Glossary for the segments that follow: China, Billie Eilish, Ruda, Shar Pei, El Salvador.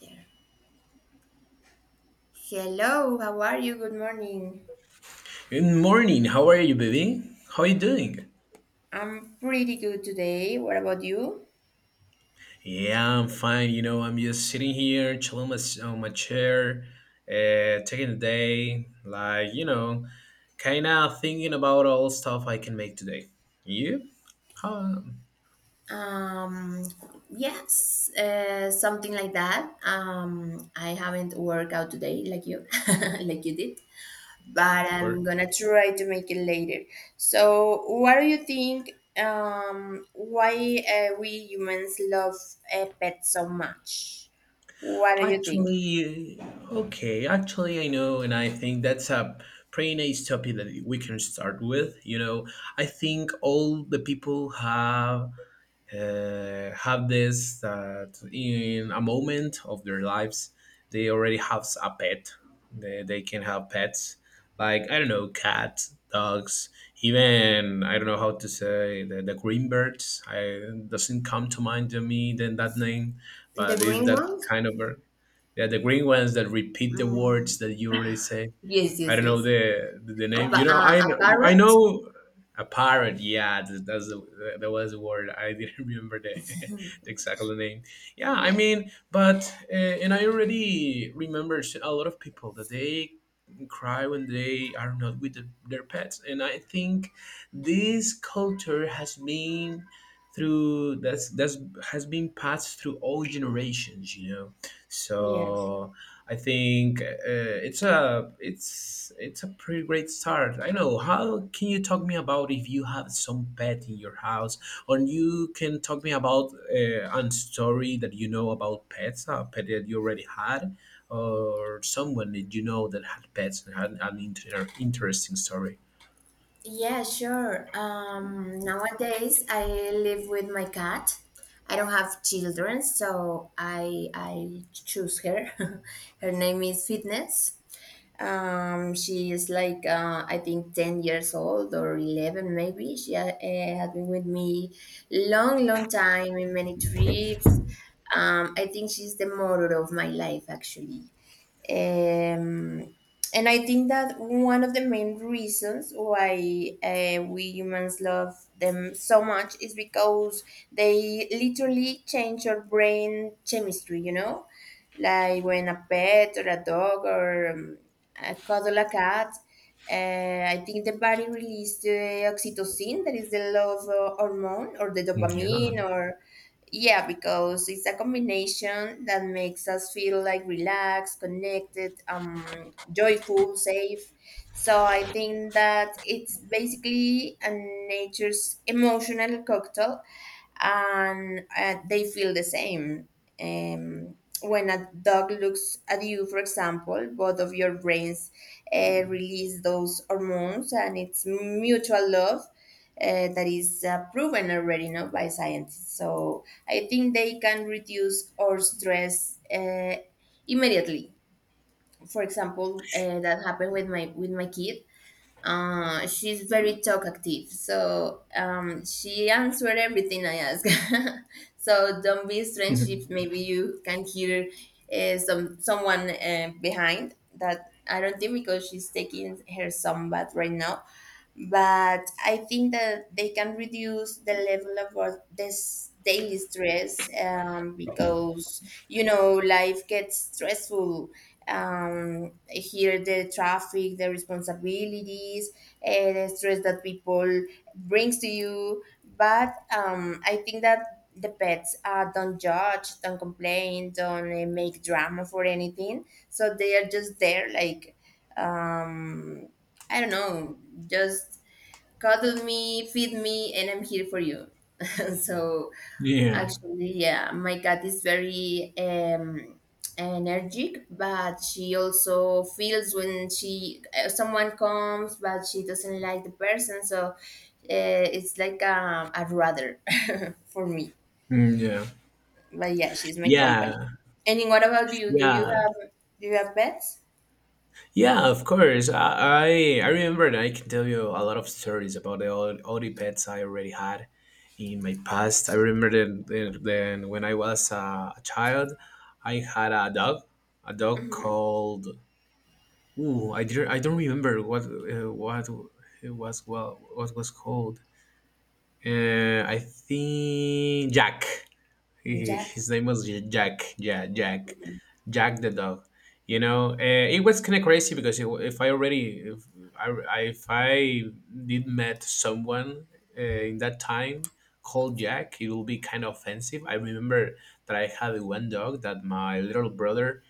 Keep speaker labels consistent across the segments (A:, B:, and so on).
A: There. Hello, how are you? Good morning.
B: Good morning. How are you, baby? How are you doing?
A: I'm pretty good today. What about you?
B: Yeah, I'm fine. You know, I'm just sitting here, chilling my, on my chair, taking the day, like, you know, kind of thinking about all stuff I can make today. You? Huh,
A: Um, yes, something like that. I haven't worked out today like you, like you did, but
B: of
A: I'm
B: course.
A: gonna try to make it later. So, what do you think? Why we humans love pets so much? What do you think?
B: Actually, okay. Actually, I know, and I think that's a pretty nice topic that we can start with. You know, I think all the people have this that in a moment of their lives they already have a pet they can have pets like I don't know, cats, dogs, even I don't know how to say the green birds. I doesn't come to mind to me then that name,
A: The
B: but is
A: green
B: that
A: ones?
B: kind of bird? Yeah, the green ones that repeat the
A: Mm,
B: words that you already say.
A: yes,
B: I
A: yes,
B: don't know
A: yes.
B: the the name. You know, I
A: A
B: know. I
A: parrot?
B: know a parrot. Yeah, that's that was the word. I didn't remember the, the exact name. Yeah, I
A: Yeah.
B: mean, but and I already remember a lot of people that they cry when they are not with the, their pets, and I think this culture has been through that's has been passed through all generations. You know,
A: Yes.
B: so I think it's a it's a pretty great start. I know. How can you talk me about if you have some pet in your house, or you can talk me about a story that you know about pets, a pet that you already had, or someone that you know that had pets and had an interesting story.
A: Yeah, sure. Nowadays I live with my cat. I don't have children, so I choose her. Her name is Fitness. She is like I think 10 years old or 11 maybe. She has been with me long, long time in many trips. I think she's the motor of my life actually. Um, and I think that one of the main reasons why we humans love them so much is because they literally change your brain chemistry, you know? Like when a pet or a dog or a cuddle a cat, I think the body releases the oxytocin, that is the love hormone, or the
B: Yeah.
A: dopamine, or. Yeah, because it's a combination that makes us feel like relaxed, connected, joyful, safe. So I think that it's basically a nature's emotional cocktail, and they feel the same. Um, when a dog looks at you, for example, both of your brains release those hormones, and it's mutual love that is proven already no, by scientists. So I think they can reduce our stress immediately. For example, that happened with my kid. She's very talkative, so she answered everything I ask. So don't be strange if maybe you can hear someone behind that. I don't think because she's taking her some bath right now, but I think that they can reduce the level of this daily stress because life gets stressful, here the traffic, the responsibilities, and the stress that people brings to you. But I think that the pets don't judge, don't complain, don't make drama for anything. So they are just there, like um, I don't know, just cuddle me, feed me, and I'm here for you. So
B: yeah.
A: actually, yeah, my cat is very energetic, but she also feels when she someone comes, but she doesn't like the person, so it's like a rather for me.
B: Mm, yeah.
A: But yeah, she's my company.
B: Yeah.
A: And then what about you?
B: Yeah.
A: Do you have pets?
B: Yeah, of course. I remember and I can tell you a lot of stories about the all the pets I already had in my past. I remember then when I was a child, I had a dog
A: Hmm.
B: called. Ooh, I didn't, I don't remember what it was, well what was called. I think Jack.
A: Jack.
B: His name was Jack. Yeah, Jack. Jack the dog. You know, it was kind of crazy because it, if I already, if I did met someone in that time called Jack, it will be kind of offensive. I remember that I had one dog that my little brother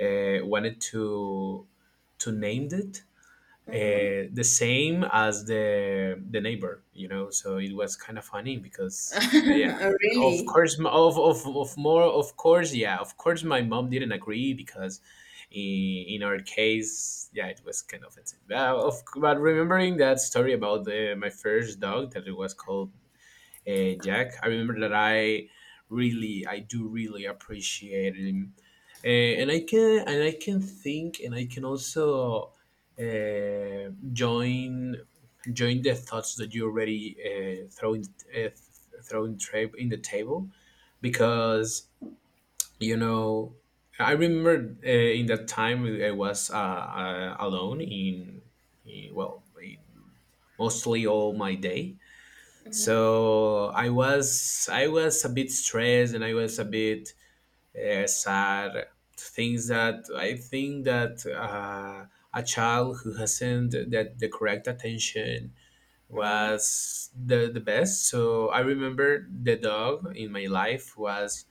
B: wanted to name it, the same as the neighbor, you know. So it was kind of funny because yeah,
A: Oh,
B: of
A: really?
B: course, of course, yeah, of course, my mom didn't agree because in our case, yeah, it was kind of offensive. But, of, but remembering that story about the, my first dog that it was called Jack. I remember that I really, I do really appreciate him, uh, and I can, and I can think, and I can also join join the thoughts that you already throwing, uh, in the table, because you know. I remember in that time I was alone in, well in mostly all my day.
A: Hmm.
B: So I was a bit stressed and I was a bit sad, things that I think that a child who hasn't that the correct attention
A: Hmm.
B: was the best. So I remember the dog in my life was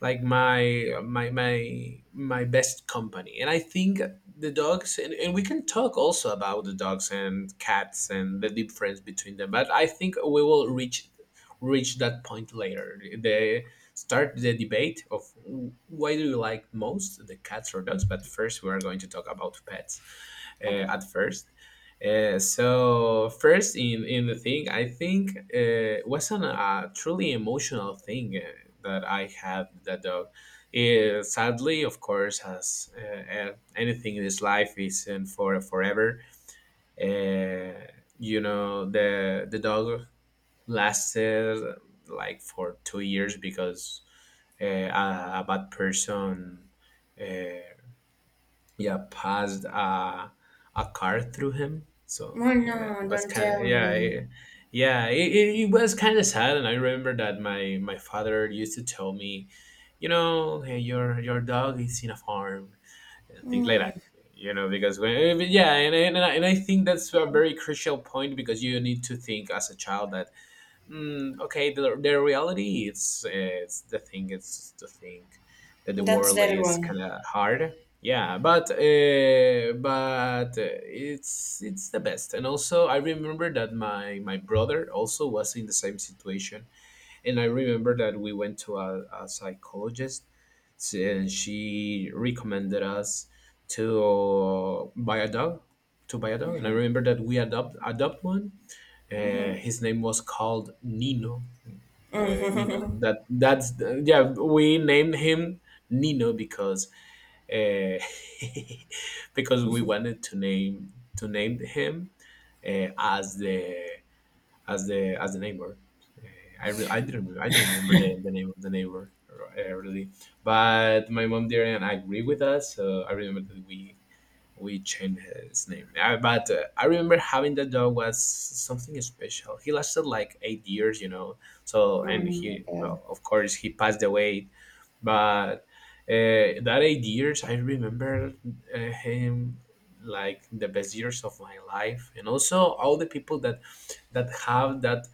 B: like my best company, and I think the dogs and we can talk also about the dogs and cats and the difference between them, but I think we will reach that point later, the start the debate of why do you like most the cats or dogs. But first we are going to talk about pets
A: Okay.
B: at first. So first in the thing I think wasn't a truly emotional thing that I had with that dog. Sadly, of course, as anything in this life isn't for forever, uh, you know, the dog lasted like for 2 years because a bad person uh, yeah, passed a car through him. So
A: Oh
B: yeah, it
A: no!
B: was
A: Don't
B: kind of,
A: tell me.
B: yeah, it was kind of sad. And I remember that my father used to tell me, you know, hey, your dog is in a farm, and things like
A: Mm,
B: that, you know, because when yeah, and I think that's a very crucial point, because you need to think as a child that mm, okay, the reality is, it's, the thing is to think that the
A: that's
B: world is
A: terrible.
B: kind of hard. Yeah, but it's the best. And also, I remember that my brother also was in the same situation, and I remember that we went to a psychologist, and she recommended us to buy a dog, to buy a dog. And I remember that we adopt adopt one. His name was called Nino, Nino. That that's the- yeah. We named him Nino because uh, because we wanted to name him as the as the as the neighbor. Uh, I, re- I didn't re- I don't remember the name of the neighbor really, but my mom didn't agree with us. So I remember that we changed his name. But I remember having that dog was something special. He lasted like 8 years, you know. So, and he,
A: Mm.
B: well, of course, he passed away, but that 8 years I remember uh, him like the best years of my life. And also all the people that that have that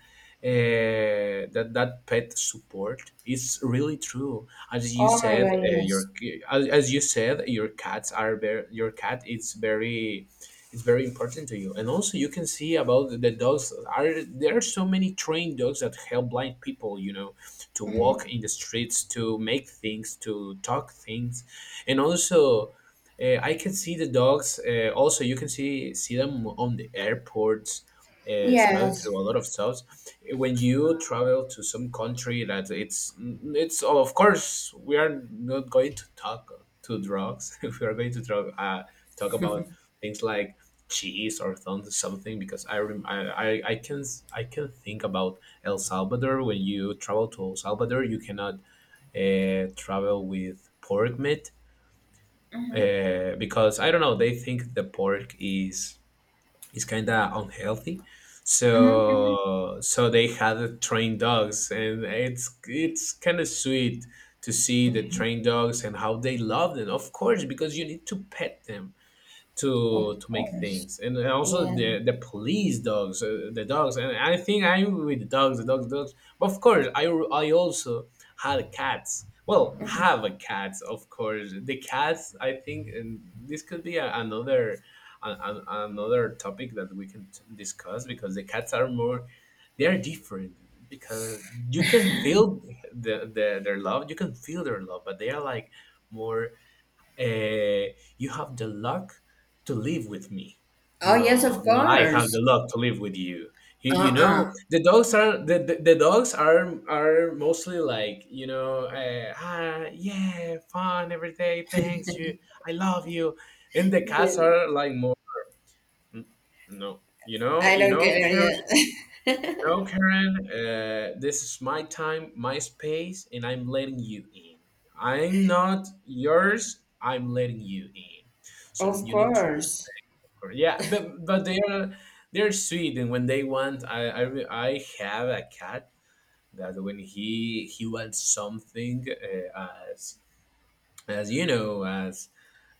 B: that that pet support, it's really true. As you
A: Oh my
B: said,
A: God, yes.
B: your as you said, your cats are very, your cat is very, it's very important to you. And also you can see about the dogs, are there are so many trained dogs that help blind people, you know, to
A: Hmm.
B: walk in the streets, to make things, to talk things, and also, I can see the dogs. Also, you can see them on the airports, smelling
A: Yes.
B: through a lot of stuff. When you travel to some country that it's of course, we are not going to talk to drugs. We are going to talk about things like cheese or something, because I can, I can think about El Salvador. When you travel to El Salvador, you cannot travel with pork meat,
A: Mm-hmm.
B: because I don't know, they think the pork is kind of unhealthy.
A: Mm-hmm.
B: So so they had trained dogs, and it's kind of sweet to see the trained dogs and how they love them. Of course, because you need to pet them
A: Hmm. Of
B: to make
A: course.
B: things, and also
A: Yeah.
B: the police dogs, the dogs. And I think I'm with dogs, the dogs. But of course, I also had cats, well, have a cat, of course. The cats, I think, and this could be a, another, another topic that we can discuss, because the cats are more, they are different, because you can feel the their love, you can feel their love, but they are like more, you have the luck to live with me.
A: Oh yes, of
B: No, no, I have
A: course.
B: the luck to live with you. You
A: Uh-uh.
B: know, the dogs are mostly like, you know, ah, yeah, fun every day. Thanks, you, I love you. And the cats
A: Yes.
B: are like more, "Mm, no,
A: I
B: you
A: don't
B: know,
A: care.
B: care,
A: Yeah.
B: no, Karen, this is my time, my space, and I'm letting you in. I'm not yours, I'm letting you in. So
A: Of
B: you need to
A: course.
B: respect her." Yeah, but they are, they're sweet. And when they want, I have a cat that when he wants something uh, as as you know, as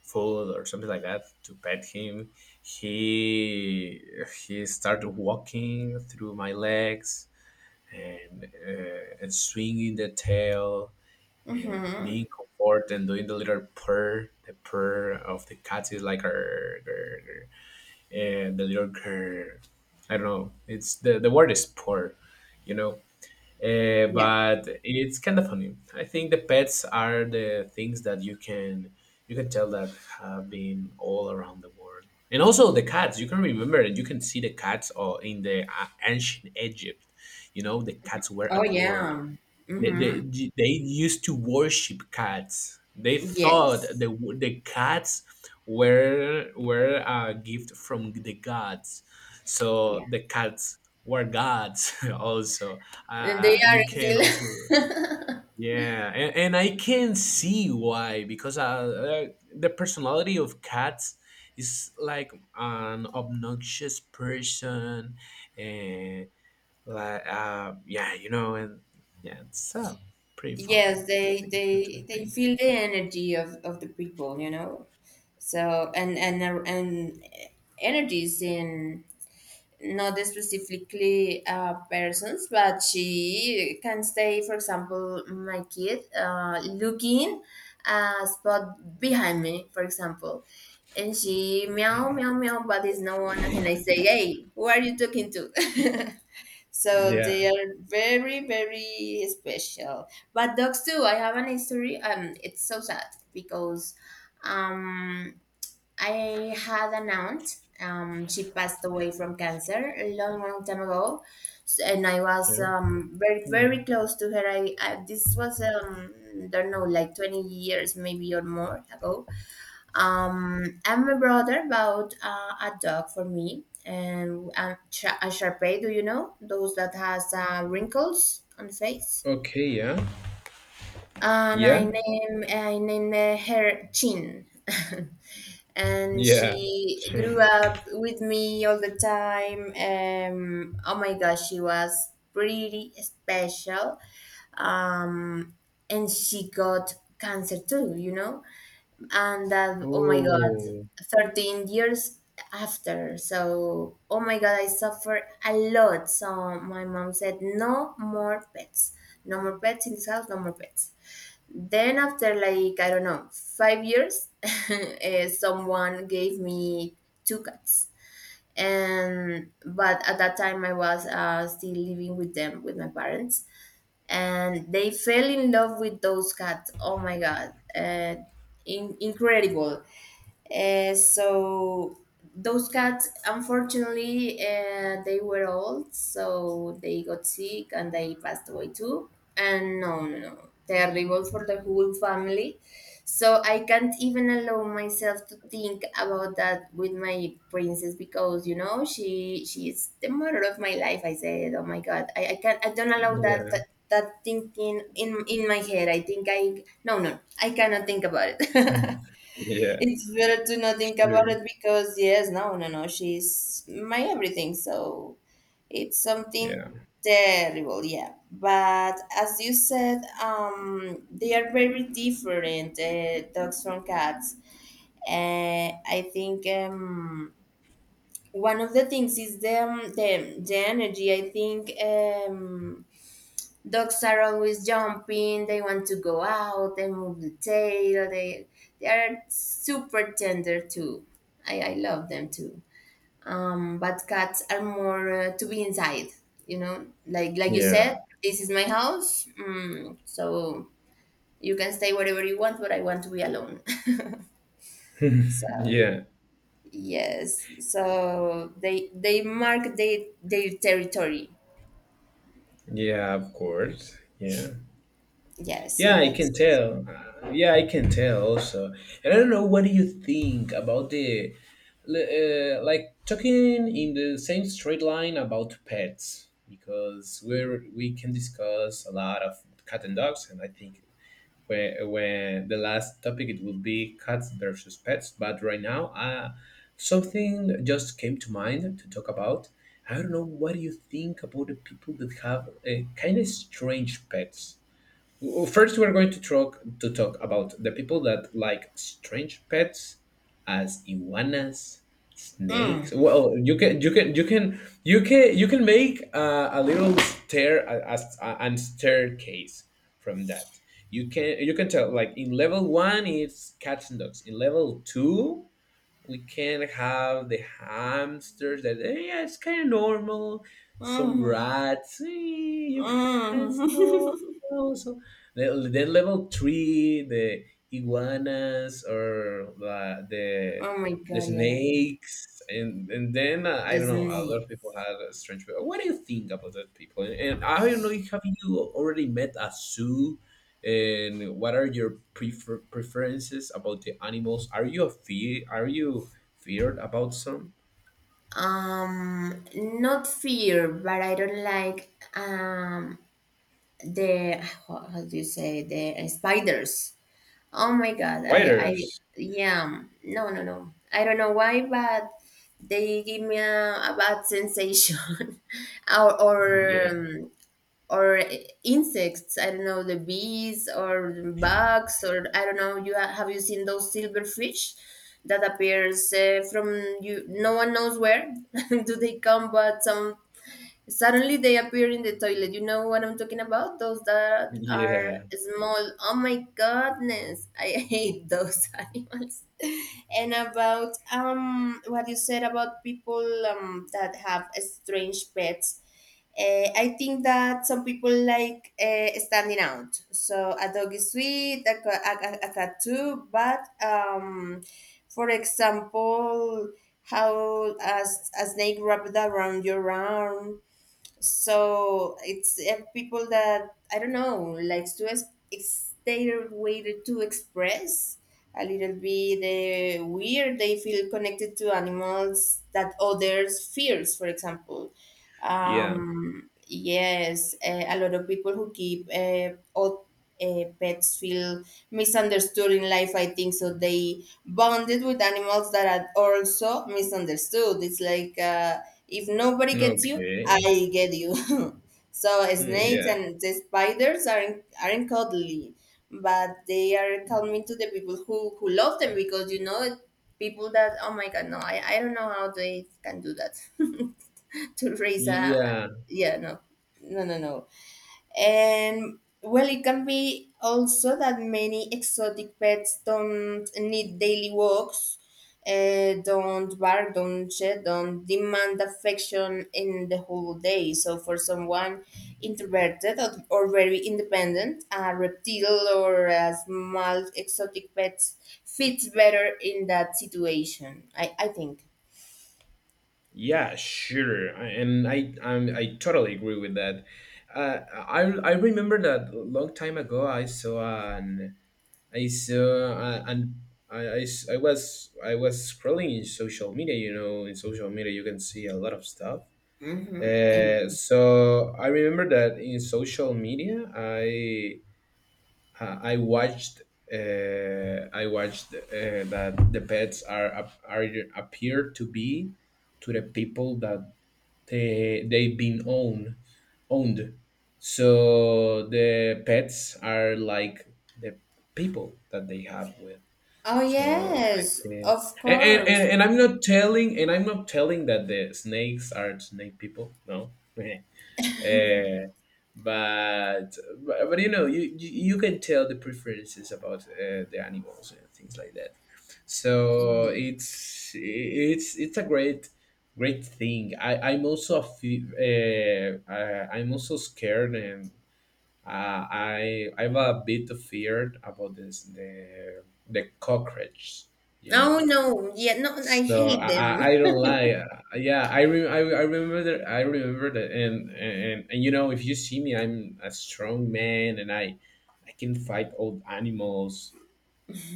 B: food or something like that, to pet him, he he started walking through my legs, and swinging the tail and
A: Hmm.
B: being comfort and doing the little purr. The purr of the cat is like grr, grr, grr, and the little grr. I don't know. It's the word is purr, you know.
A: Yeah.
B: But it's kind of funny. I think the pets are the things that you can, you can tell that have been all around the world, and also the cats. You can remember that you can see the cats or in the ancient Egypt. You know the cats were
A: Oh
B: adored.
A: yeah.
B: they,
A: Hmm.
B: they, they used to worship cats. They thought
A: Yes.
B: the cats were a gift from the gods. So
A: Yeah.
B: the cats were gods also.
A: They are
B: You can
A: still.
B: also yeah, and I can see why because the personality of cats is like an obnoxious person and like, yeah, and yeah, it's a pretty fun
A: Yes, they
B: thing to do,
A: they
B: I
A: they
B: think.
A: feel the energy of the people, you know. So and energy is in not specifically persons, but she can stay, for example, my kid looking a spot behind me, for example, and she meow meow meow, but it's no one, and I say, hey, who are you talking to? So they
B: Yeah.
A: are very very special. But dogs too. I have an history. It's so sad because um I had an aunt. She passed away from cancer a long, long time ago, and I was
B: Yeah.
A: very,
B: Oh.
A: very close to her. I This was don't know, like 20 years maybe or more ago. And my brother bought a dog for me, and a Shar Pei. Do you know those that has wrinkles on the face?
B: Okay. Yeah.
A: and I
B: Yeah.
A: name I named her Chin. And
B: Yeah.
A: she grew
B: Shame.
A: up with me all the time. Oh my gosh, she was pretty special. Um, and she got cancer too, you know? And that, oh my God,
B: Oh.
A: 13 years after. So, oh my God, I suffered a lot. So my mom said, no more pets. No more pets in this house, no more pets. Then after, like, I don't know, 5 years, someone gave me two cats, and but at that time I was still living with them with my parents, and they fell in love with those cats. Oh my god, incredible. So those cats, unfortunately, they were old, so they got sick and they passed away too. And no, no, no, terrible for the whole family. So I can't even allow myself to think about that with my princess, because you know she is the mother of my life. I said, oh my god, I don't allow
B: Yeah.
A: that thinking in my head. I think I no no I cannot think about it.
B: Yeah.
A: It's better to not think about
B: Sure.
A: it because yes, no, no, no, she's my everything. So it's something
B: Yeah.
A: terrible, yeah. But as you said, they are very different, dogs from cats. I think one of the things is the energy. I think dogs are always jumping. They want to go out. They move the tail. They are super tender too. I love them too. But cats are more to be inside. You know, like you
B: Yeah.
A: said, this is my house. Mm, so you can stay wherever you want, but I want to be alone. So
B: yeah.
A: yes, so they mark their territory.
B: Yeah. Of course. Yeah.
A: Yes, so
B: Yeah, I can
A: that's.
B: tell. Yeah, I can tell also. And I don't know, what do you think about the, like talking in the same straight line about pets? Because we can discuss a lot of cat and dogs, and I think when when the last topic it will be cats versus pets. But right now, uh, something just came to mind to talk about. I don't know, what do you think about the people that have kind of strange pets? Well, first, we're going to talk about the people that like strange pets, as iguanas,
A: Mm.
B: snakes. Well, you can make a little stair a, and staircase from that. You can tell like in level one it's cats and dogs. In level two we can have the hamsters that yeah it's kind of normal some
A: Mm.
B: rats you can it's
A: Mm.
B: normal so then level three the iguanas or
A: Oh my
B: the
A: god, yeah.
B: snakes and then I
A: The
B: don't know a lot
A: snake.
B: of people had a strange what do you think about that people and, I don't know if have you already met a zoo and what are your preferences about the animals are you a fear are you feared about some
A: Not fear, but I don't like the how do you say the spiders. Oh my god, I
B: spiders
A: yeah. No, no, no. I don't know why, but they give me a bad sensation. or or
B: yeah
A: um, or insects, I don't know, the bees or bugs, or I don't know, have you seen those silver fish that appears from, you, no one knows where, do they come, but some. Suddenly they appear in the toilet. You know what I'm talking about? Those that are
B: yeah
A: small. Oh my goodness. I hate those animals. And about what you said about people that have strange pets. I think that some people like standing out. So a dog is sweet, a, ca- a cat too. But for example, how a snake wrapped around your arm, so it's people that I don't know likes to their way to express a little bit weird. They feel connected to animals that others fears, for example.
B: yeah
A: Yes, a lot of people who keep all pets feel misunderstood in life. I think so. They bonded with animals that are also misunderstood. It's like if nobody gets you,
B: okay.
A: I get you. So
B: Hmm,
A: snakes
B: yeah
A: and the spiders aren't cuddly, but they are calming to the people who love them, because you know people that oh my god no, I don't know how they can do that to raise a,
B: yeah
A: yeah, no no no no. And well it can be also that many exotic pets don't need daily walks, don't bark, don't shed, don't demand affection in the whole day, so for someone introverted, or very independent, a reptile or a small exotic pet fits better in that situation. I think.
B: yeah sure and I totally agree with that. I I remember that a long time ago I saw an I saw an I was scrolling in social media, you know, in social media you can see a lot of stuff.
A: Hmm.
B: So I remember that in social media, I I watched I watched that the pets are are appear to be to the people that they've been owned. So the pets are like the people that they have with.
A: Oh
B: So I
A: yes,
B: think.
A: of course.
B: And I'm not telling that the snakes are snake people. No. Uh, but, but you know you can tell the preferences about the animals and things like that. So
A: Yes.
B: it's a great thing. I I'm also a I, I'm also scared and uh, I have a bit of fear about this the cockroach. You
A: Oh
B: know
A: no, yeah, no, I
B: so
A: hate
B: I,
A: them.
B: I don't lie. Yeah, I remember that. I remember that. And, and you know, if you see me, I'm a strong man, and I can fight old animals,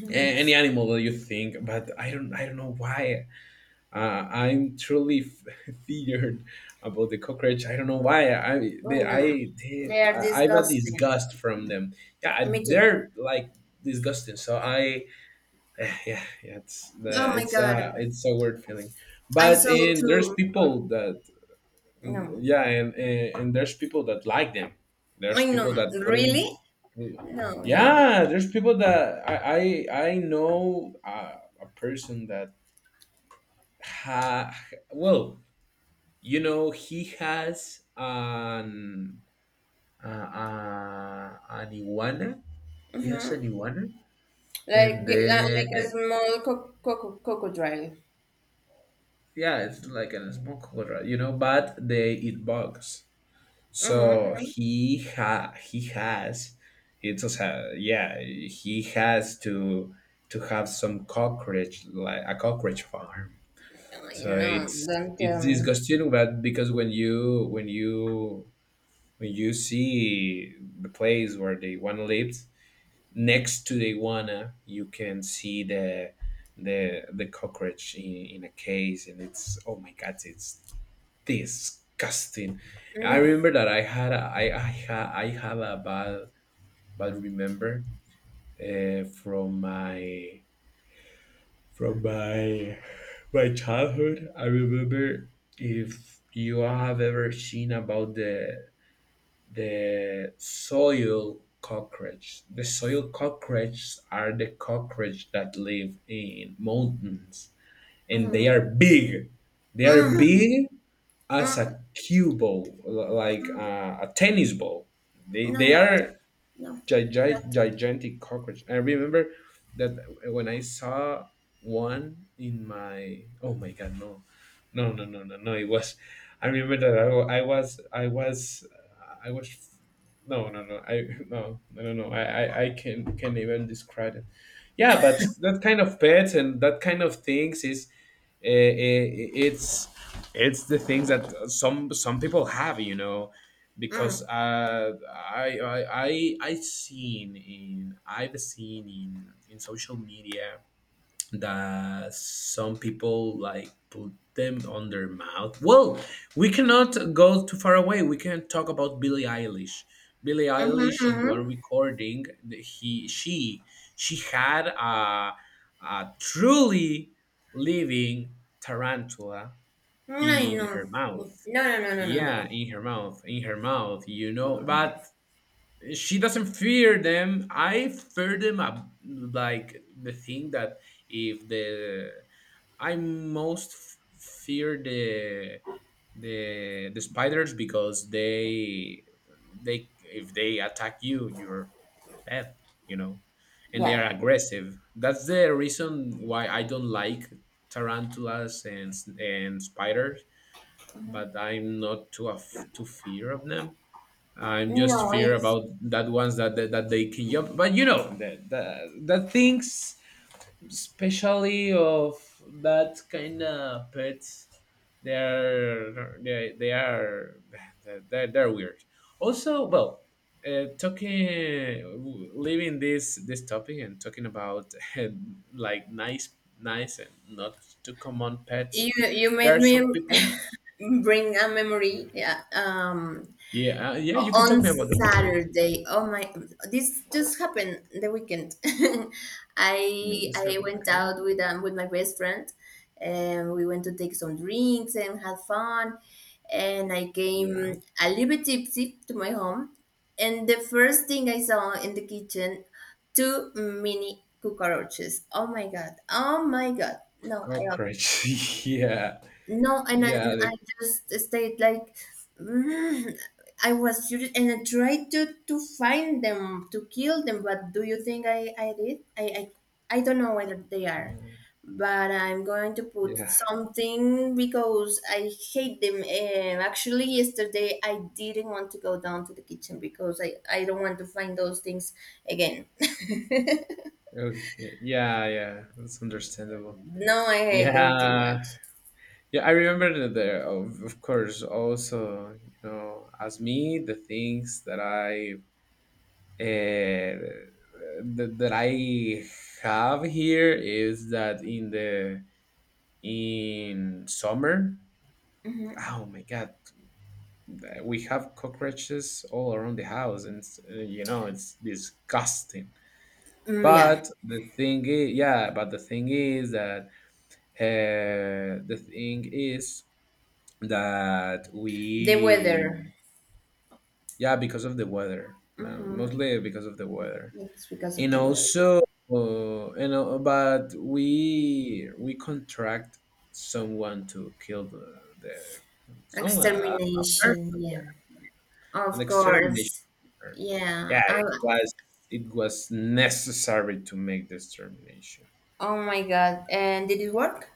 B: any animal that you think. But I don't know why. I'm truly feared about the cockroach. I don't know why.
A: Oh no, they are
B: I've had
A: disgusting.
B: disgust from them. Yeah,
A: Me too.
B: they're like disgusting. So I yeah, yeah, yeah, it's
A: Oh
B: the
A: my god,
B: it's a weird feeling,
A: I
B: but
A: saw
B: and there's
A: two. Oh,
B: people that mm,
A: no,
B: yeah, and, and there's people that like them.
A: I
B: There's people
A: know.
B: that put in,
A: Really? No, no, no.
B: yeah. There's people that I know a person that ha well you know he has an iguana. He has an iguana,
A: Like
B: and
A: like, like a
B: then
A: small crocodile.
B: yeah, it's like a small cobra, you know, but they eat bugs. So
A: Mm-hmm.
B: he has it's also, yeah, he has to have some cockroach like a cockroach farm. So
A: No, don't
B: it's
A: tell me.
B: disgusting, but because when you see the place where the one lives, next to the iguana you can see the cockroach in a case and it's oh my god it's disgusting. I
A: No.
B: remember that I had a, I ha, I have a bad remember uh, from my from my my childhood. I remember if you have ever seen about the soil cockroach. The soil cockroaches are the cockroach that live in mountains, and they
A: Mm-hmm.
B: are big. They are
A: Mm-hmm.
B: big as
A: Mm-hmm.
B: a cue ball, like a tennis ball.
A: No,
B: They
A: don't tell.
B: are
A: No, don't tell.
B: Gigantic cockroach. I remember that when I saw one in my oh my god no no no no no no it was I remember that I, wa- I was I was I was no no no I no no no no I I can can't even describe it. Yeah but that kind of pets and that kind of things is I- i- it's it's the things that some people have, you know, because
A: Mm.
B: I seen in I've seen in social media that some people like put them on their mouth. Well, we cannot go too far away. We can talk about Billie Eilish. Billie
A: Mm-hmm,
B: Eilish in one
A: mm-hmm.
B: recording, the- he she had a truly living tarantula
A: No,
B: in her
A: no, no,
B: mouth.
A: no, no, no, no,
B: Yeah,
A: no.
B: in her mouth, you know. But she doesn't fear them. I fear them like the thing that if the I most fear the spiders because they if they attack you you're dead you know and they
A: Yeah,
B: are aggressive. That's the reason why I don't like tarantulas and and spiders. But I'm not too too fear of them. I'm just
A: no,
B: fear
A: it's
B: about that ones that that they can jump. But you know, the things, especially of that kind of pets, they are they're weird. Also, well, talking leaving this topic and talking about like nice and not too common pets.
A: you. You
B: There
A: made
B: are
A: me
B: some people.
A: bring a memory. Yeah,
B: Yeah, yeah, you can talk
A: on
B: me about the one, right?
A: Saturday. Oh my, this just happened the weekend.
B: Yeah,
A: I
B: this
A: I
B: happened.
A: went
B: Okay.
A: out with my best friend, and we went to take some drinks and have fun. And I
B: Yeah.
A: came a little bit tipsy to my home, and the first thing I saw in the kitchen, two mini cockroaches. Oh my god! Oh my god! No, I
B: Cockroach. yeah.
A: no, and then and
B: Yeah. The,
A: I just stayed like, mm, I was furious, and I tried to find them to kill them. But do you think I did? I don't know where they are, but I'm going to put
B: yeah.
A: something because I hate them. Actually, yesterday I didn't want to go down to the kitchen because I don't want to find those things again.
B: Okay. Yeah. Yeah. That's understandable.
A: No, I hate them too
B: Yeah.
A: much.
B: Yeah. I remember that there, of course, also, you know, as me, the things that I, uh, that I have here is that in in summer,
A: Mm-hmm.
B: oh my God, we have cockroaches all around the house. And, you know, it's disgusting.
A: Mm, yeah,
B: But the thing is, yeah, but the thing is that the thing is that
A: the
B: we,
A: weather.
B: yeah, because of the weather,
A: Mm-hmm.
B: mostly because of the weather,
A: It's because of
B: and
A: the weather.
B: also, you know, but we contract someone to kill the someone a person,
A: Extermination,
B: yeah,
A: yeah.
B: an
A: Of
B: extermination.
A: course. Yeah.
B: Yeah, it was necessary to make this termination.
A: Oh my god. And did it work?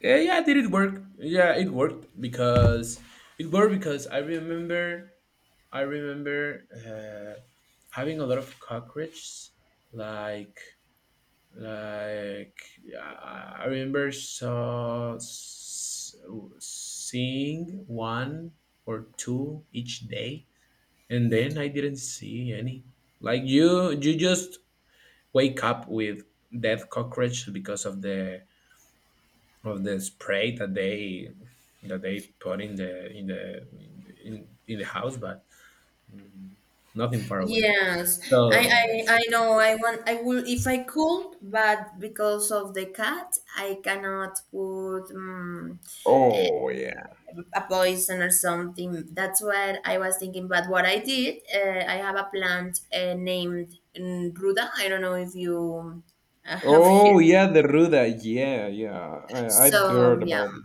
B: Yeah, yeah, did it work? Yeah, it worked because I remember having a lot of cockroaches. Like like I remember seeing one or two each day, and then I didn't see any. Like you just wake up with dead cockroach because of the spray that they put in in the house, but mm, nothing far away.
A: Yes. I,
B: So,
A: I
B: so
A: I know I will if I could, but because of the cat, I cannot put
B: oh yeah.
A: a poison or something. That's what I was thinking. But what I did, I have a plant named Ruda. I don't know if you have here.
B: Oh yeah, the ruda. Yeah, yeah. I
A: So
B: I've heard
A: yeah,
B: about it.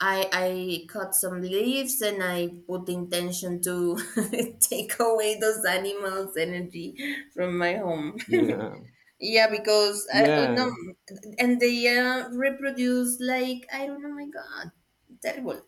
A: I cut some leaves and I put intention to take away those animals' energy from my home.
B: Yeah.
A: yeah, because oh no,
B: Yeah.
A: and they reproduce like I don't know. My God, terrible.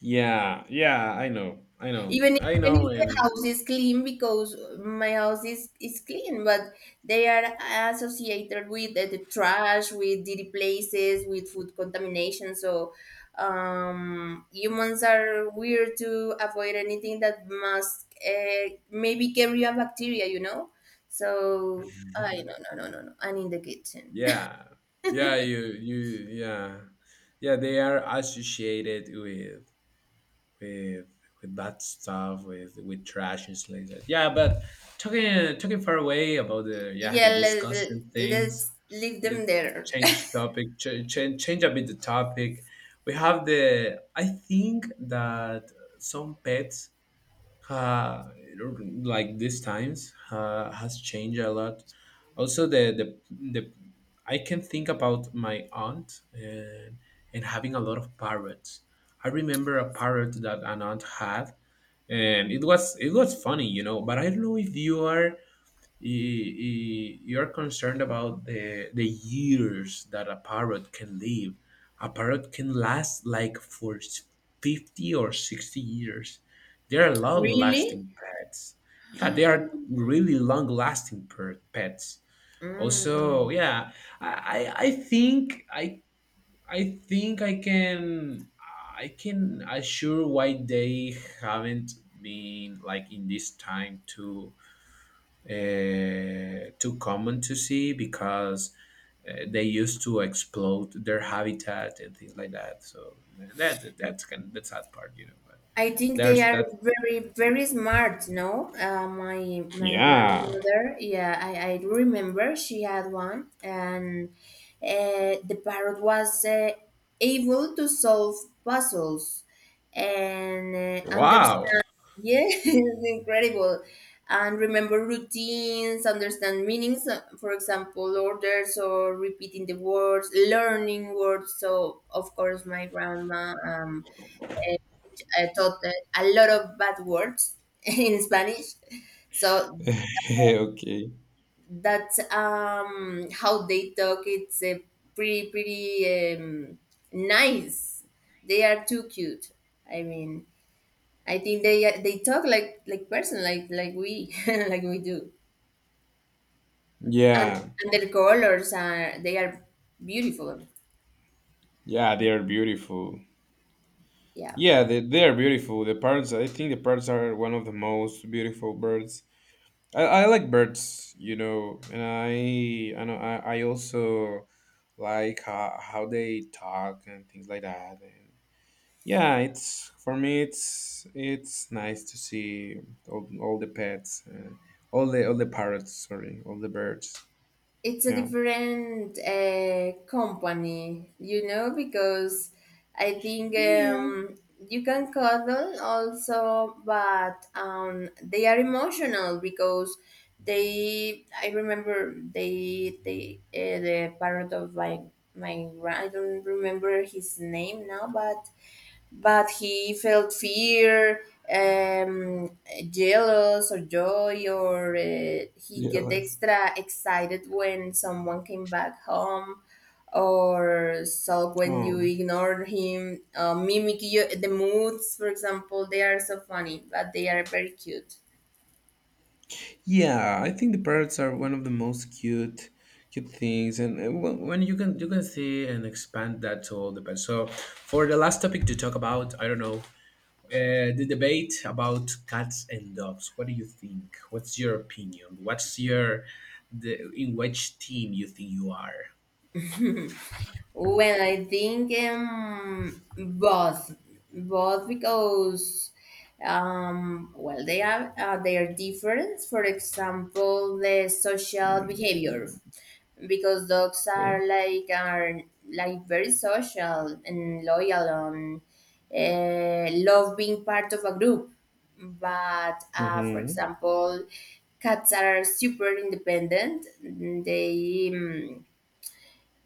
B: Yeah. Yeah. I know. I know.
A: even
B: I
A: even
B: know.
A: if the
B: And
A: house is clean, because my house is clean, but they are associated with the trash, with dirty places, with food contamination. So humans are weird to avoid anything that must maybe carry a bacteria, so I. No, no, no, no, no, and in the kitchen.
B: yeah. Yeah. You. You. Yeah. Yeah. They are associated with with with bad stuff, with trash and stuff like that. Yeah, but talking far away about the yeah
A: yeah,
B: the disgusting things,
A: let's leave
B: it,
A: them there.
B: change topic, change a bit the topic. We have the I think that some pets uh, like these times has changed a lot. Also, the I can think about my aunt and having a lot of parrots. I remember a parrot that an aunt had, and it was funny, you know. But I don't know if you are you, you're concerned about the years that a parrot can live. A parrot can last like for 50 or 60 years. They are long
A: really?
B: lasting pets. Yeah, they are really long lasting pets. Also,
A: Mm.
B: yeah, I, I I think I I think I can assure why they haven't been like in this time to too common to see because they used to explode their habitat and things like that. So that's that part, you know. But
A: I think they
B: there's
A: are
B: that.
A: very, very smart. No, my
B: Yeah.
A: grandmother. Yeah, I do remember she had one, and the parrot was able to solve puzzles and
B: Wow.
A: understand. Yeah, it's incredible, and remember routines, understand meanings. For example, orders or repeating the words, learning words. So of course, my grandma. I taught a lot of bad words in Spanish. So
B: okay.
A: that's how they talk. It's pretty, pretty nice. They are too cute. I mean, I think they talk like person, like we like we do. And
B: Yeah.
A: their colors are they are beautiful.
B: Yeah, they are beautiful.
A: Yeah.
B: Yeah, they are beautiful. The parrots, I think the parrots are one of the most beautiful birds. I like birds, you know, and I also like how they talk and things like that. And yeah, it's for me it's nice to see all, all the pets, uh, all the parrots, sorry, all the birds.
A: It's a
B: Yeah.
A: different company, you know, because I think
B: Yeah.
A: you can cuddle also, but they are emotional because they. I remember the parent of my I don't remember his name now, but he felt fear, um, jealous, or joy, or he get
B: Jealous.
A: extra excited when someone came back home, or so when
B: Oh.
A: you ignore him, mimic you, the moods, for example, they are so funny, but they are very cute.
B: Yeah, I think the parrots are one of the most cute things, and when you can see and expand that to all the pets. So, for the last topic to talk about, I don't know, the debate about cats and dogs. What do you think? What's your opinion? What's your the in which team you think you are?
A: Well, I think both, because well, they are different. For example, the social
B: Mm.
A: behavior, because dogs
B: Okay.
A: are like very social and loyal and love being part of a group. But for
B: Mm-hmm.
A: example, cats are super independent. They um,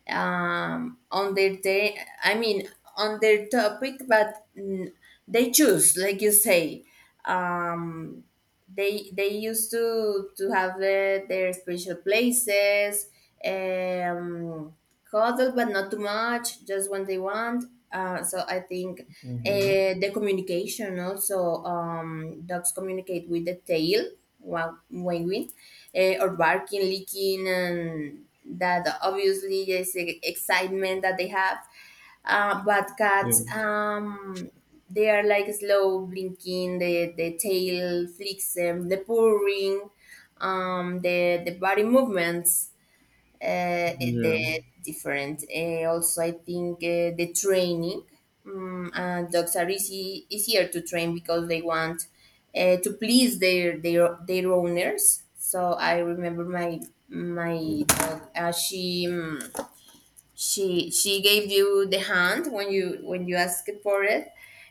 A: um, on their day. I mean, on their topic, but they choose, like you say. Um, they used to have their spiritual places um cuddle, but not too much, just when they want. So I think
B: Mm-hmm.
A: the communication also. Dogs communicate with the tail while wagging or barking, licking, and that obviously is excitement that they have. But
B: Yeah.
A: cats, they are like slow blinking. The tail flicks them, the purring, the body movements,
B: Yeah.
A: the different. Also, I think the training. Dogs are easy easier to train because they want to please their owners. So I remember my dog. She. She gave you the hand when you asked for it.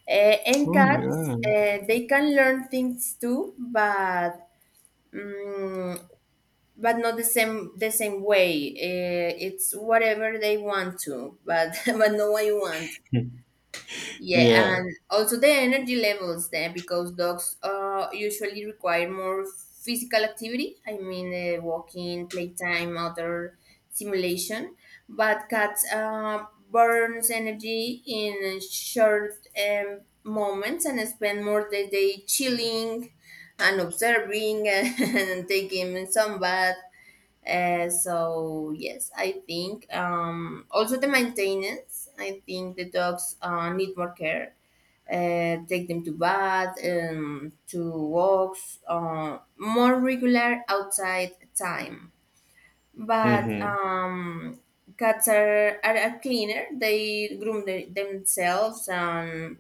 A: And
B: Oh my
A: cats
B: god.
A: they can learn things too, but mm but not the same way. It's whatever they want to, but but no one you want. Yeah,
B: Yeah.
A: and also the energy levels then, because dogs usually require more physical activity. I mean, walking, playtime, other simulation. But cats burns energy in short moments and spend more the day chilling and observing and taking some bath. So yes, I think also the maintenance. I think the dogs need more care. Take them to bath, to walks, more regular outside time. But
B: Mm-hmm.
A: um, cats are cleaner. They groom themselves.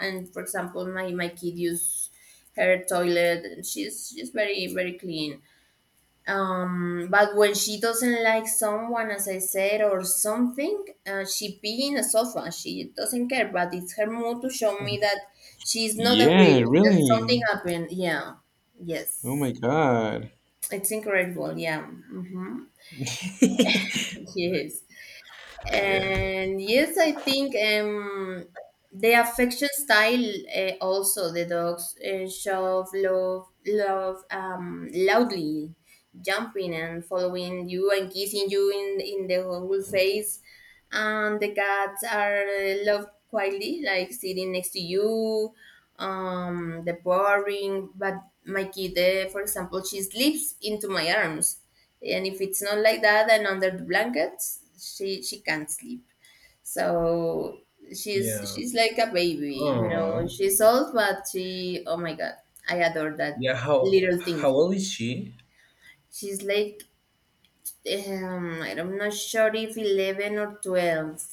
A: And for example, my kid use her toilet. She's very very clean. But when she doesn't like someone, as I said, or something, she be in a sofa. She doesn't care, but it's her mood to show me that she's not
B: Yeah.
A: agree that something
B: Really.
A: happened. Yeah,
B: Oh
A: yes,
B: my god.
A: it's incredible. Yeah, mm-hmm. yes,
B: Yeah.
A: and yes, I think they affection style. Also, the dogs show love loudly, jumping and following you and kissing you in the whole face, and the cats are loved quietly, like sitting next to you. The boring, but my kid, for example, she sleeps into my arms, and if it's not like that and under the blankets, she can't sleep. So
B: Yeah.
A: she's like a baby, you know.
B: Oh.
A: She's old, but she oh my god, I adore that
B: Yeah, how
A: little thing.
B: how old is she?
A: She's like I'm not sure if 11 or 12,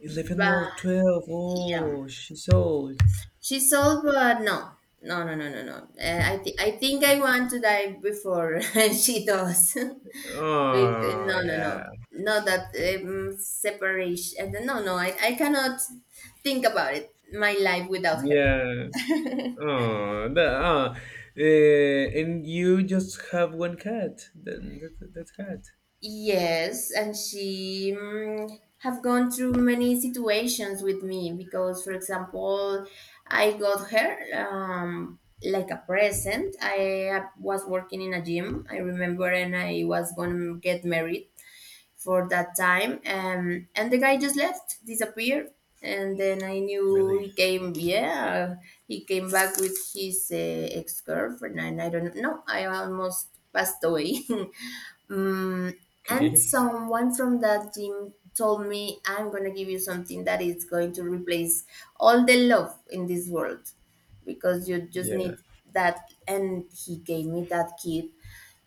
B: 11
A: but
B: or 12.
A: yeah,
B: Oh, she's old.
A: she's old, but no. I think I want to die before she does. Bec-
B: Oh
A: no, no, no,
B: yeah.
A: not that separation. No, no, I cannot think about it. My life without her.
B: Yeah. Oh, and you just have one cat. That cat.
A: Yes, and she have gone through many situations with me because, for example, I got her like a present. I was working in a gym, I remember, and I was going to get married for that time, and the guy just left, disappeared, and then I knew he
B: Really?
A: came. Yeah, he came back with his ex girlfriend, and I don't know. I almost passed away. Mm, and
B: Okay.
A: someone from that gym told me, I'm going to give you something that is going to replace all the love in this world, because you just
B: Yeah.
A: need that. And he gave me that kit.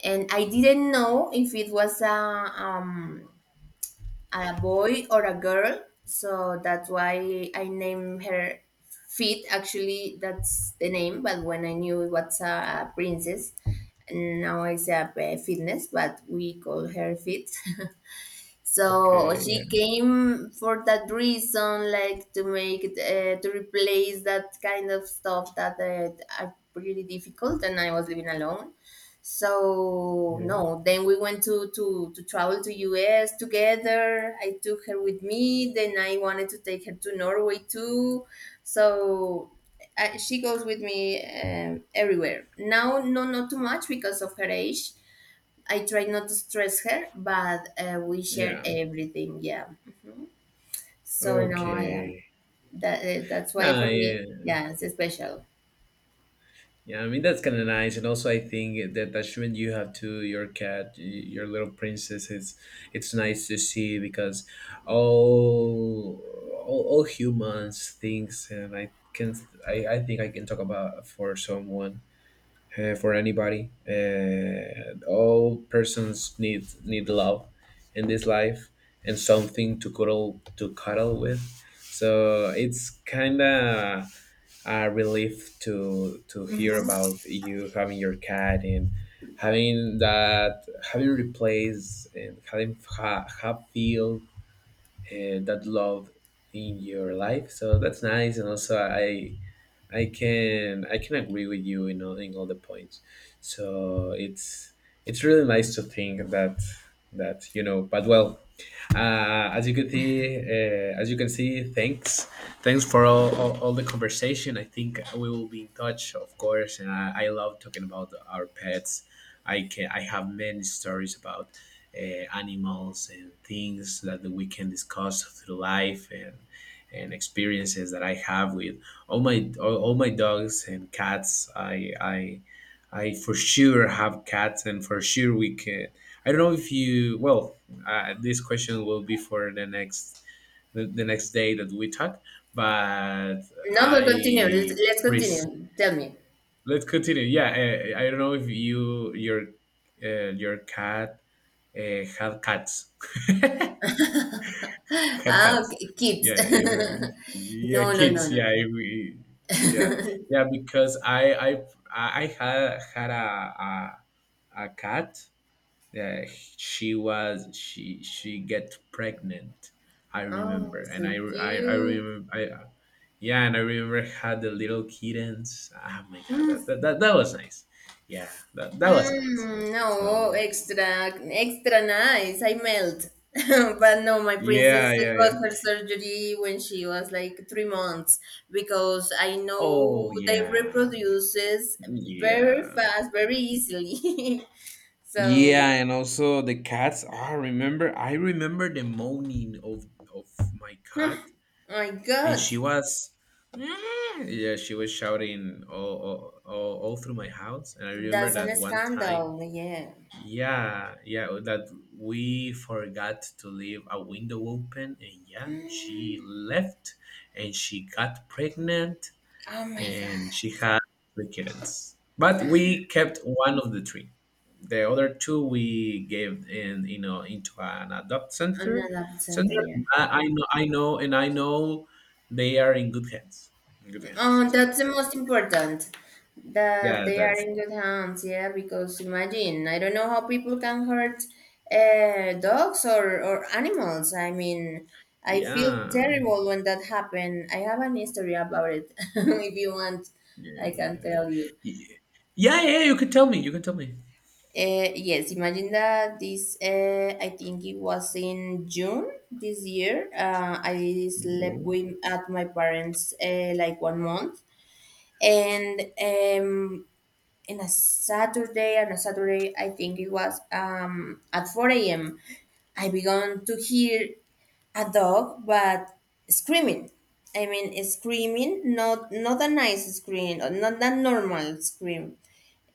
A: And I didn't know if it was a boy or a girl. So that's why I named her Fit. Actually, that's the name, but when I knew it was a princess, now I say a Fitness, but we call her Fit. So
B: Okay.
A: she
B: Yeah.
A: came for that reason, like to make it, to replace that kind of stuff that are pretty difficult, and I was living alone. So
B: Yeah.
A: no, then we went to travel to US together. I took her with me. Then I wanted to take her to Norway too. So she goes with me everywhere. Now, no, not too much because of her age. I tried not to stress her, but we shared
B: Yeah.
A: everything. Yeah. So now I am.
B: Okay.
A: That that's why
B: Ah,
A: for me,
B: yeah.
A: yeah, it's special.
B: Yeah, I mean that's kind of nice, and also I think the attachment you have to your cat, your little princess, is it's nice to see because all all humans things, and I think I can talk about for someone, for anybody. All persons need love in this life and something to cuddle with. So it's kind of relief to hear
A: Hmm.
B: about you having your cat and having that, having replaced and having have feel that love in your life, so that's nice. And also I can agree with you in all the points. So it's really nice to think that, that you know. But well, uh, as you can see, thanks for all the conversation. I think we will be in touch, of course. And I love talking about our pets. I have many stories about animals and things that we can discuss through life and experiences that I have with all my dogs and cats. I for sure have cats and for sure we can, I don't know if you, well, this question will be for the next, the next day that we talk. But
A: No, but continue.
B: i
A: Let's
B: pres-
A: continue. Tell me.
B: let's continue, yeah. I don't know if you, your cat had cats. Cat cat.
A: Ah, okay, kids.
B: Yeah, you know, yeah,
A: no, no, no,
B: kids.
A: no.
B: Yeah, we, yeah,
A: no.
B: yeah. Because I had a a cat. Yeah, she was she get pregnant. I
A: oh,
B: remember, and
A: so
B: I
A: cute.
B: remember I. Yeah, and I remember had the little kittens. Ah, my God,
A: Mm.
B: that was nice. Yeah, that was nice.
A: Mm, no,
B: So
A: extra, extra nice. I melt. But no, my princess
B: yeah, yeah,
A: got
B: yeah.
A: her surgery when she was like 3 months because I know
B: Oh
A: they
B: yeah,
A: reproduces very
B: yeah.
A: fast, very easily.
B: Yeah,
A: So,
B: and also the cats. Ah, I remember. I remember the moaning of of my
A: huh,
B: cat,
A: my
B: and
A: God,
B: she was, "Ah." Yeah, she was shouting all through my house. And I remember
A: that's an
B: that one time.
A: scandal. Yeah.
B: Yeah, yeah, that we forgot to leave a window open, and yeah, she left, and she got pregnant,
A: Oh my God,
B: and she had three kittens. But we kept one of the three. The other two we gave in, you know, into an adopt
A: I'm
B: center.
A: not
B: Center.
A: absent. Yeah.
B: I know, I know, and I know they are in good hands. In good hands.
A: Oh,
B: So
A: that's the most important. That they are
B: that's
A: in good hands, yeah. Because imagine, I don't know how people can hurt dogs or animals. I mean, I feel
B: yeah,
A: terrible when that happened. I have an history about it. if you want,
B: yeah,
A: I can tell you.
B: yeah, yeah. Yeah, you can tell me. You can tell me.
A: Yes, imagine that I think it was in June this year. I slept
B: Yeah.
A: at my parents' like one month, and in a Saturday, on a Saturday, I think it was at 4 a.m., I began to hear a dog, but screaming. I mean, screaming, not not a nice scream, or not that normal scream.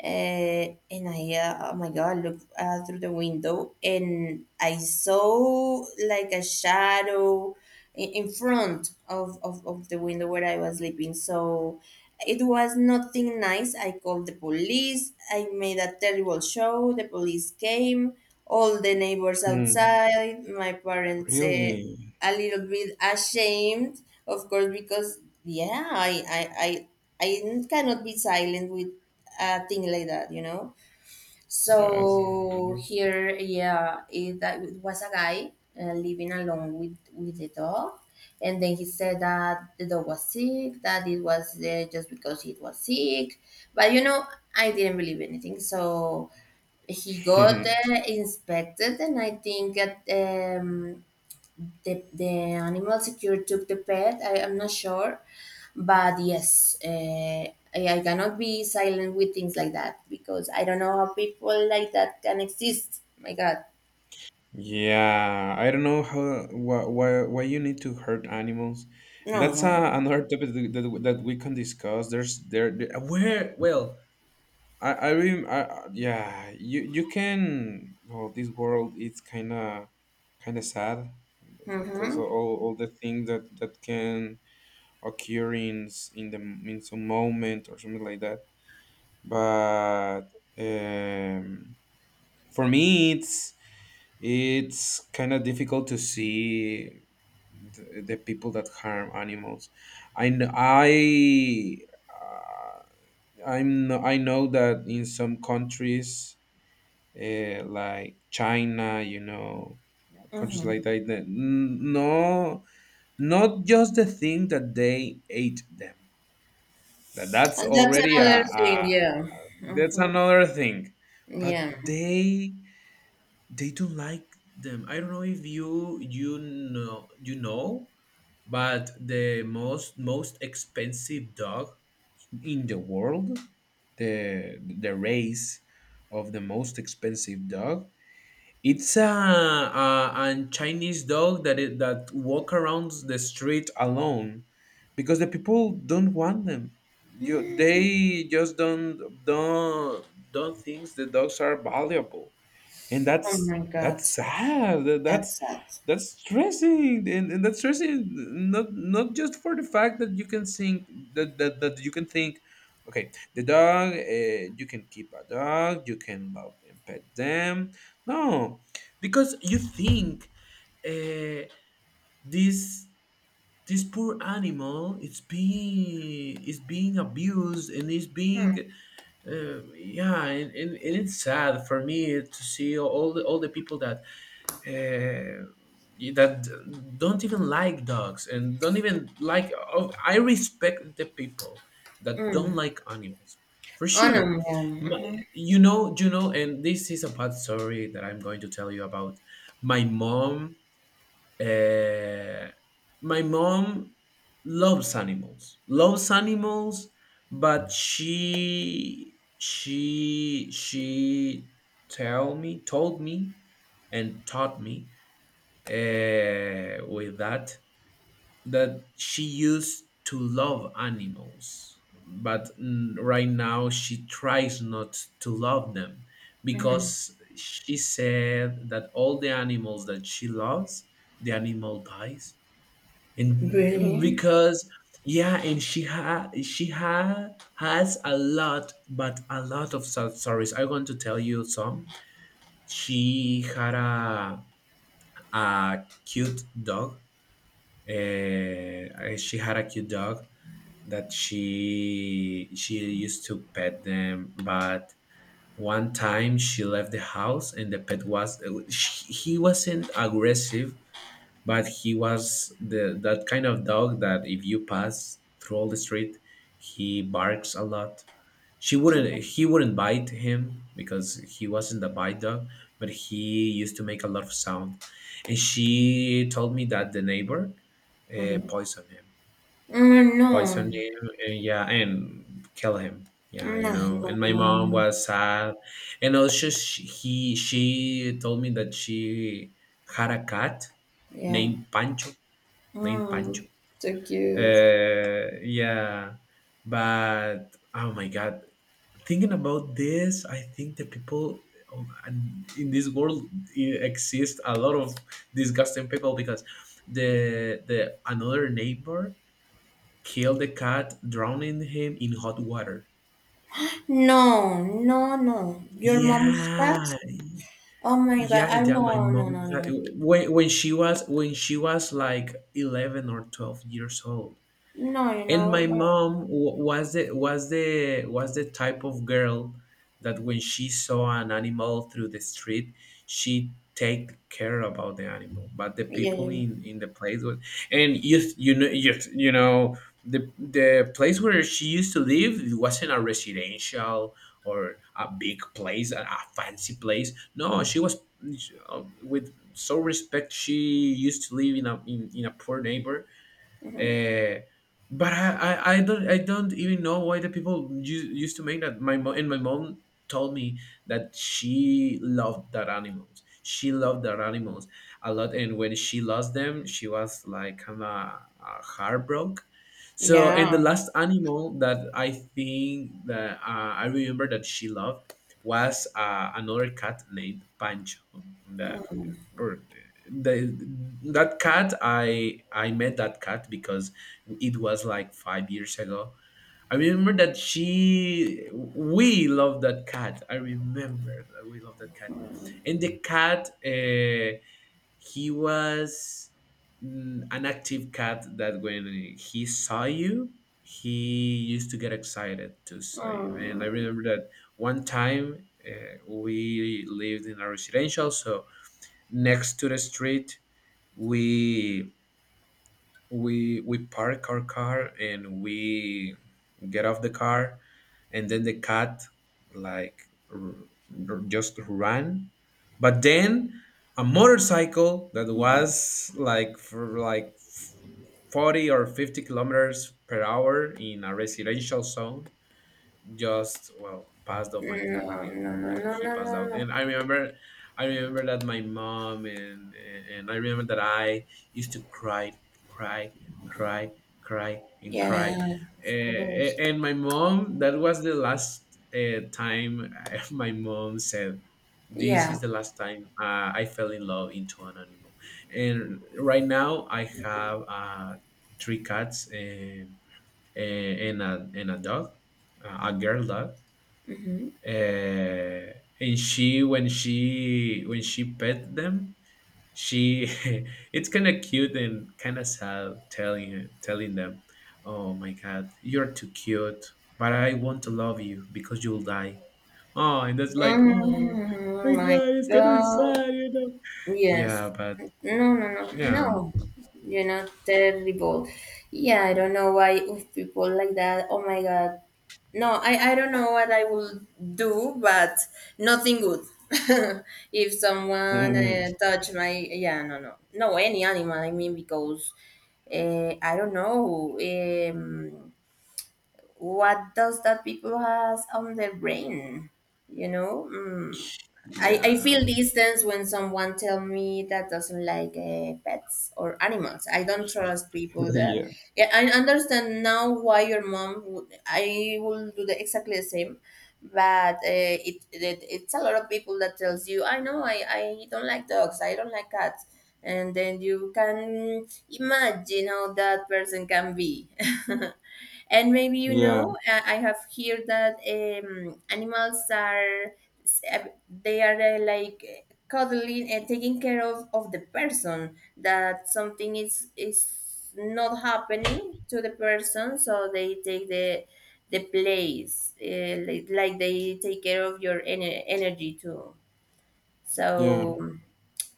A: And oh my God, looked through the window, and I saw like a shadow in front of the window where I was sleeping. So it was nothing nice. I called the police. I made a terrible show. The police came, all the neighbors
B: Hmm.
A: outside, my parents
B: Really?
A: a little bit ashamed, of course, because yeah, I cannot be silent with a thing like that, you know.
B: Yes.
A: So here, yeah, that it was a guy living alone with the dog, and then he said that the dog was sick, that it was there just because it was sick, but you know, I didn't believe anything, so. He got inspected, and I think that the animal secure took the pet. I am not sure, but yes, I cannot be silent with things like that, because I don't know how people like that can exist. My God,
B: Yeah, I don't know how why you need to hurt animals, and
A: no,
B: that's
A: no.
B: another topic that, that we can discuss. There's there, there- where well I, rem I- yeah, you can, well, this world it's kind of sad because of
A: Mm-hmm.
B: all the things that that can occur in s- in the in some moment or something like that. But um, for me it's kind of difficult to see the people that harm animals. I kn- I uh, I'm I know that in some countries like China, you know, countries
A: Mm-hmm.
B: like that, that no, not just the thing that they ate them. That that's
A: And that's
B: already
A: another thing.
B: a,
A: Yeah.
B: that's
A: Mm-hmm.
B: another thing, but
A: Yeah.
B: they don't like them. I don't know if you know, but the most expensive dog in the world, the race of the most expensive dog, it's a Chinese dog that it, that walk around the street alone, because the people don't want them. You, they just don't don't think the dogs are valuable, and
A: Oh my
B: that's
A: God,
B: sad. That's
A: that's sad.
B: that's stressing, and that's stressing not not just for the fact that you can think that, that, that you can think, okay, the dog, you can keep a dog, you can love and pet them, no, because you think, uh, this this poor animal is being abused and is being yeah, and it's sad for me to see all the people that uh, that don't even like dogs and don't even like. Oh, I respect the people that don't
A: Mm.
B: like animals for
A: Oh no,
B: sure.
A: yeah.
B: My,
A: Mm-hmm.
B: you know, and this is a bad story that I'm going to tell you about. My mom uh, my mom loves animals, but she told me, and taught me with that that she used to love animals, but mm, right now she tries not to love them
A: Mm-hmm.
B: because she said that all the animals that she loves, the animal dies. And
A: Really?
B: because, yeah, and she ha has a lot, but a lot of sad stories. I want to tell you some. She had a cute dog, uh, she had a cute dog that she used to pet them. But one time she left the house and the pet was, she, he wasn't aggressive, but he was the that kind of dog that if you pass through all the street, he barks a lot. She wouldn't he wouldn't bite him because he wasn't a bite dog, but he used to make a lot of sound. And she told me that the neighbor
A: Mm-hmm.
B: poisoned him,
A: Mm, no.
B: poisoned him and yeah, and kill him, yeah,
A: Mm, no,
B: you know,
A: no,
B: and my
A: no, no, no.
B: mom
A: No.
B: was sad. And also she told me that she had a cat
A: Yeah.
B: named pancho, named Pancho.
A: Um, so cute.
B: Yeah, but oh my God, thinking about this, I think the people, oh, and in this world, exist a lot of disgusting people because the another neighbor killed the cat, drowning him in hot water.
A: No, no, no. Your mom's cat?
B: Yeah,
A: Oh my god!
B: yeah,
A: I
B: yeah. My
A: No, no,
B: mom,
A: no,
B: when she was like 11 or 12 years old,
A: no, no. You
B: and
A: know,
B: my
A: no.
B: mom was the type of girl that when she saw an animal through the street, she take care about the animal. But the
A: Yeah,
B: people
A: yeah.
B: in the place was, and you know, the place where she used to live, it wasn't a residential or a big place, a fancy place, no, she was, with so respect, she used to live in a in a poor neighbor. uh, but I don't, I don't even know why the people used to make that. My mom told me that she loved that animals. She loved that animals a lot, and when she lost them, she was like kind of heartbroken. So, and the
A: yeah.
B: last animal that I think that I remember that she loved was another cat named Pancho. That or the that cat, I met that cat because it was like 5 years ago. I remember that she we love that cat. I remember that we love that cat. And the cat, he was an active cat that when he saw you, he used to get excited to saw you. And I
A: Mm,
B: remember that one time, we lived in a residential, so next to the street, we we park our car and we get off the car. And then the cat, like, r- just ran, but then a motorcycle that
A: mm.
B: was like for like 40 or 50 kilometers per hour in a residential zone just well passed off my
A: No,
B: cat,
A: no,
B: and
A: no,
B: yeah,
A: no,
B: he
A: no,
B: passed
A: no,
B: out.
A: no.
B: And I remember, I remember that my mom and I remember that I used to cry cry cry.
A: Yeah,
B: Eh,
A: of course.
B: and my mom, that was the last time. My mom said, "This
A: Yeah.
B: is the last time I fell in love into an animal." And right now I have, three cats and, a dog, a girl dog.
A: Mm-hmm.
B: Uh, and she, when she pet them, she it's kind of cute and kind of sad telling telling them, "Oh my God, you're too cute, but I want to love you because you'll die." Oh, and that's like, oh my
A: Mm, my
B: God, it's kind of
A: God.
B: sad, you know. Yeah,
A: Yes.
B: but
A: No, no, no,
B: yeah,
A: no. You're not terrible. Yeah, I don't know why with people like that. Oh my God. No, I don't know what I will do, but nothing good. if someone
B: Mhm.
A: touch my, yeah, no, no, no, any animal. I mean, because I don't know. What does that people has on their brain, you know. I
B: Yeah.
A: feel distance when someone tell me that doesn't like pets or animals. I don't trust people that.
B: Yeah,
A: Yeah, I understand now why your mom would. I will do the exactly the same, but it it's a lot of people that tells you, I know I don't like dogs, I don't like cats, and then you can imagine how that person can be. And maybe you
B: yeah,
A: know, I have heard that animals are they are like cuddling and taking care of the person. That something is not happening to the person, so they take the place, like they take care of your energy too.
B: yeah,
A: So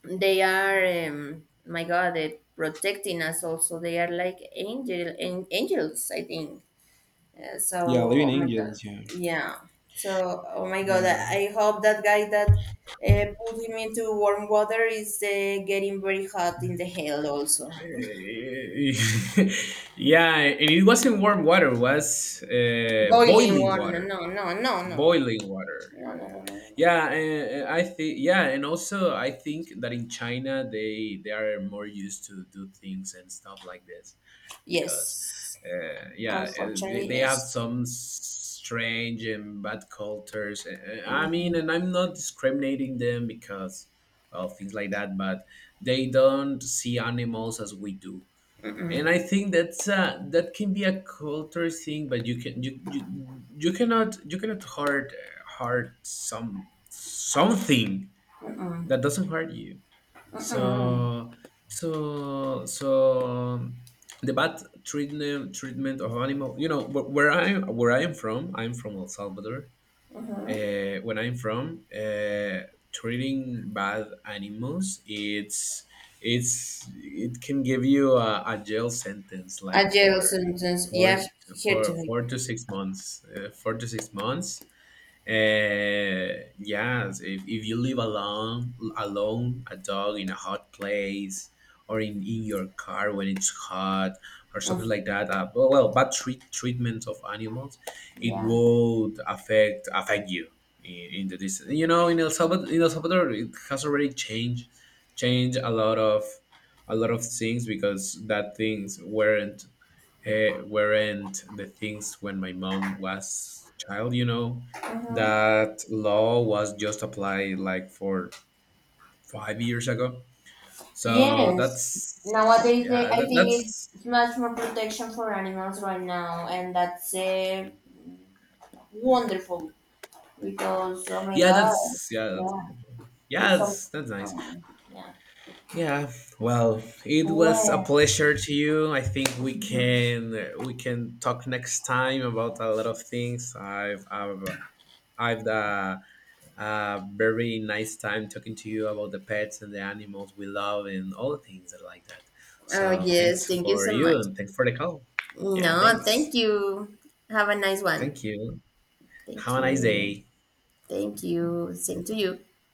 A: they are my God, protecting us. Also, they are like angels, I think.
B: yeah.
A: So
B: Living
A: oh my god,
B: angels. Yeah.
A: yeah, so oh my god,
B: Yeah.
A: I hope that guy that put him into warm water is getting very hot in the hell also.
B: Yeah, and it wasn't warm water; it was
A: Boiling
B: boiling
A: water,
B: water.
A: no, no, no, no, no, no,
B: Boiling water.
A: no, no, no, no, no.
B: Yeah, and I think. Yeah, and also I think that in China they are more used to do things and stuff like this because,
A: Yes,
B: yeah,
A: unfortunately,
B: they have
A: yes.
B: some strange and bad cultures. I
A: Mm.
B: mean, and I'm not discriminating them because, well, things like that, but they don't see animals as we do. And I think that's that can be a culture thing, but you can you cannot hurt hurt some something that doesn't hurt you. So so so um, the bad treatment of animal, you know, where I am from, I'm from El Salvador, when I'm from, treating bad animals, it's it can give you a jail sentence,
A: A
B: like
A: jail
B: for
A: sentence, yes.
B: four
A: Here to it.
B: 4 to 6 months, yes, if you live alone, alone, a dog in a hot place, or in your car when it's hot, or something
A: Mm.
B: like that. Well, well, bad treatment of animals, it
A: Yeah,
B: would affect you in the distance. You know, in El Salvador, it has already changed a lot of things, because that things weren't the things when my mom was child, you know,
A: hmm.
B: that law was just applied like for 5 years ago. So
A: Yes.
B: that's
A: Nowadays, they,
B: yeah
A: I
B: that,
A: think
B: that's
A: it's much more protection for animals right now, and that's wonderful because oh my
B: yeah
A: god,
B: that's yeah that's,
A: yeah, it's
B: yeah
A: something.
B: that's nice.
A: Oh, yeah.
B: Yeah, well, it was a
A: Well.
B: pleasure to you. I think we can talk next time about a lot of things. I've very nice time talking to you about the pets and the animals we love and all the things that are like that. So
A: Oh,
B: thanks
A: yes. Thank you
B: for
A: so
B: you
A: much.
B: and thanks for the call. Yeah,
A: No, thank
B: thanks.
A: you. Have a nice one.
B: Thank you. Have
A: Thank
B: a nice
A: you.
B: day.
A: Thank you. Same to you.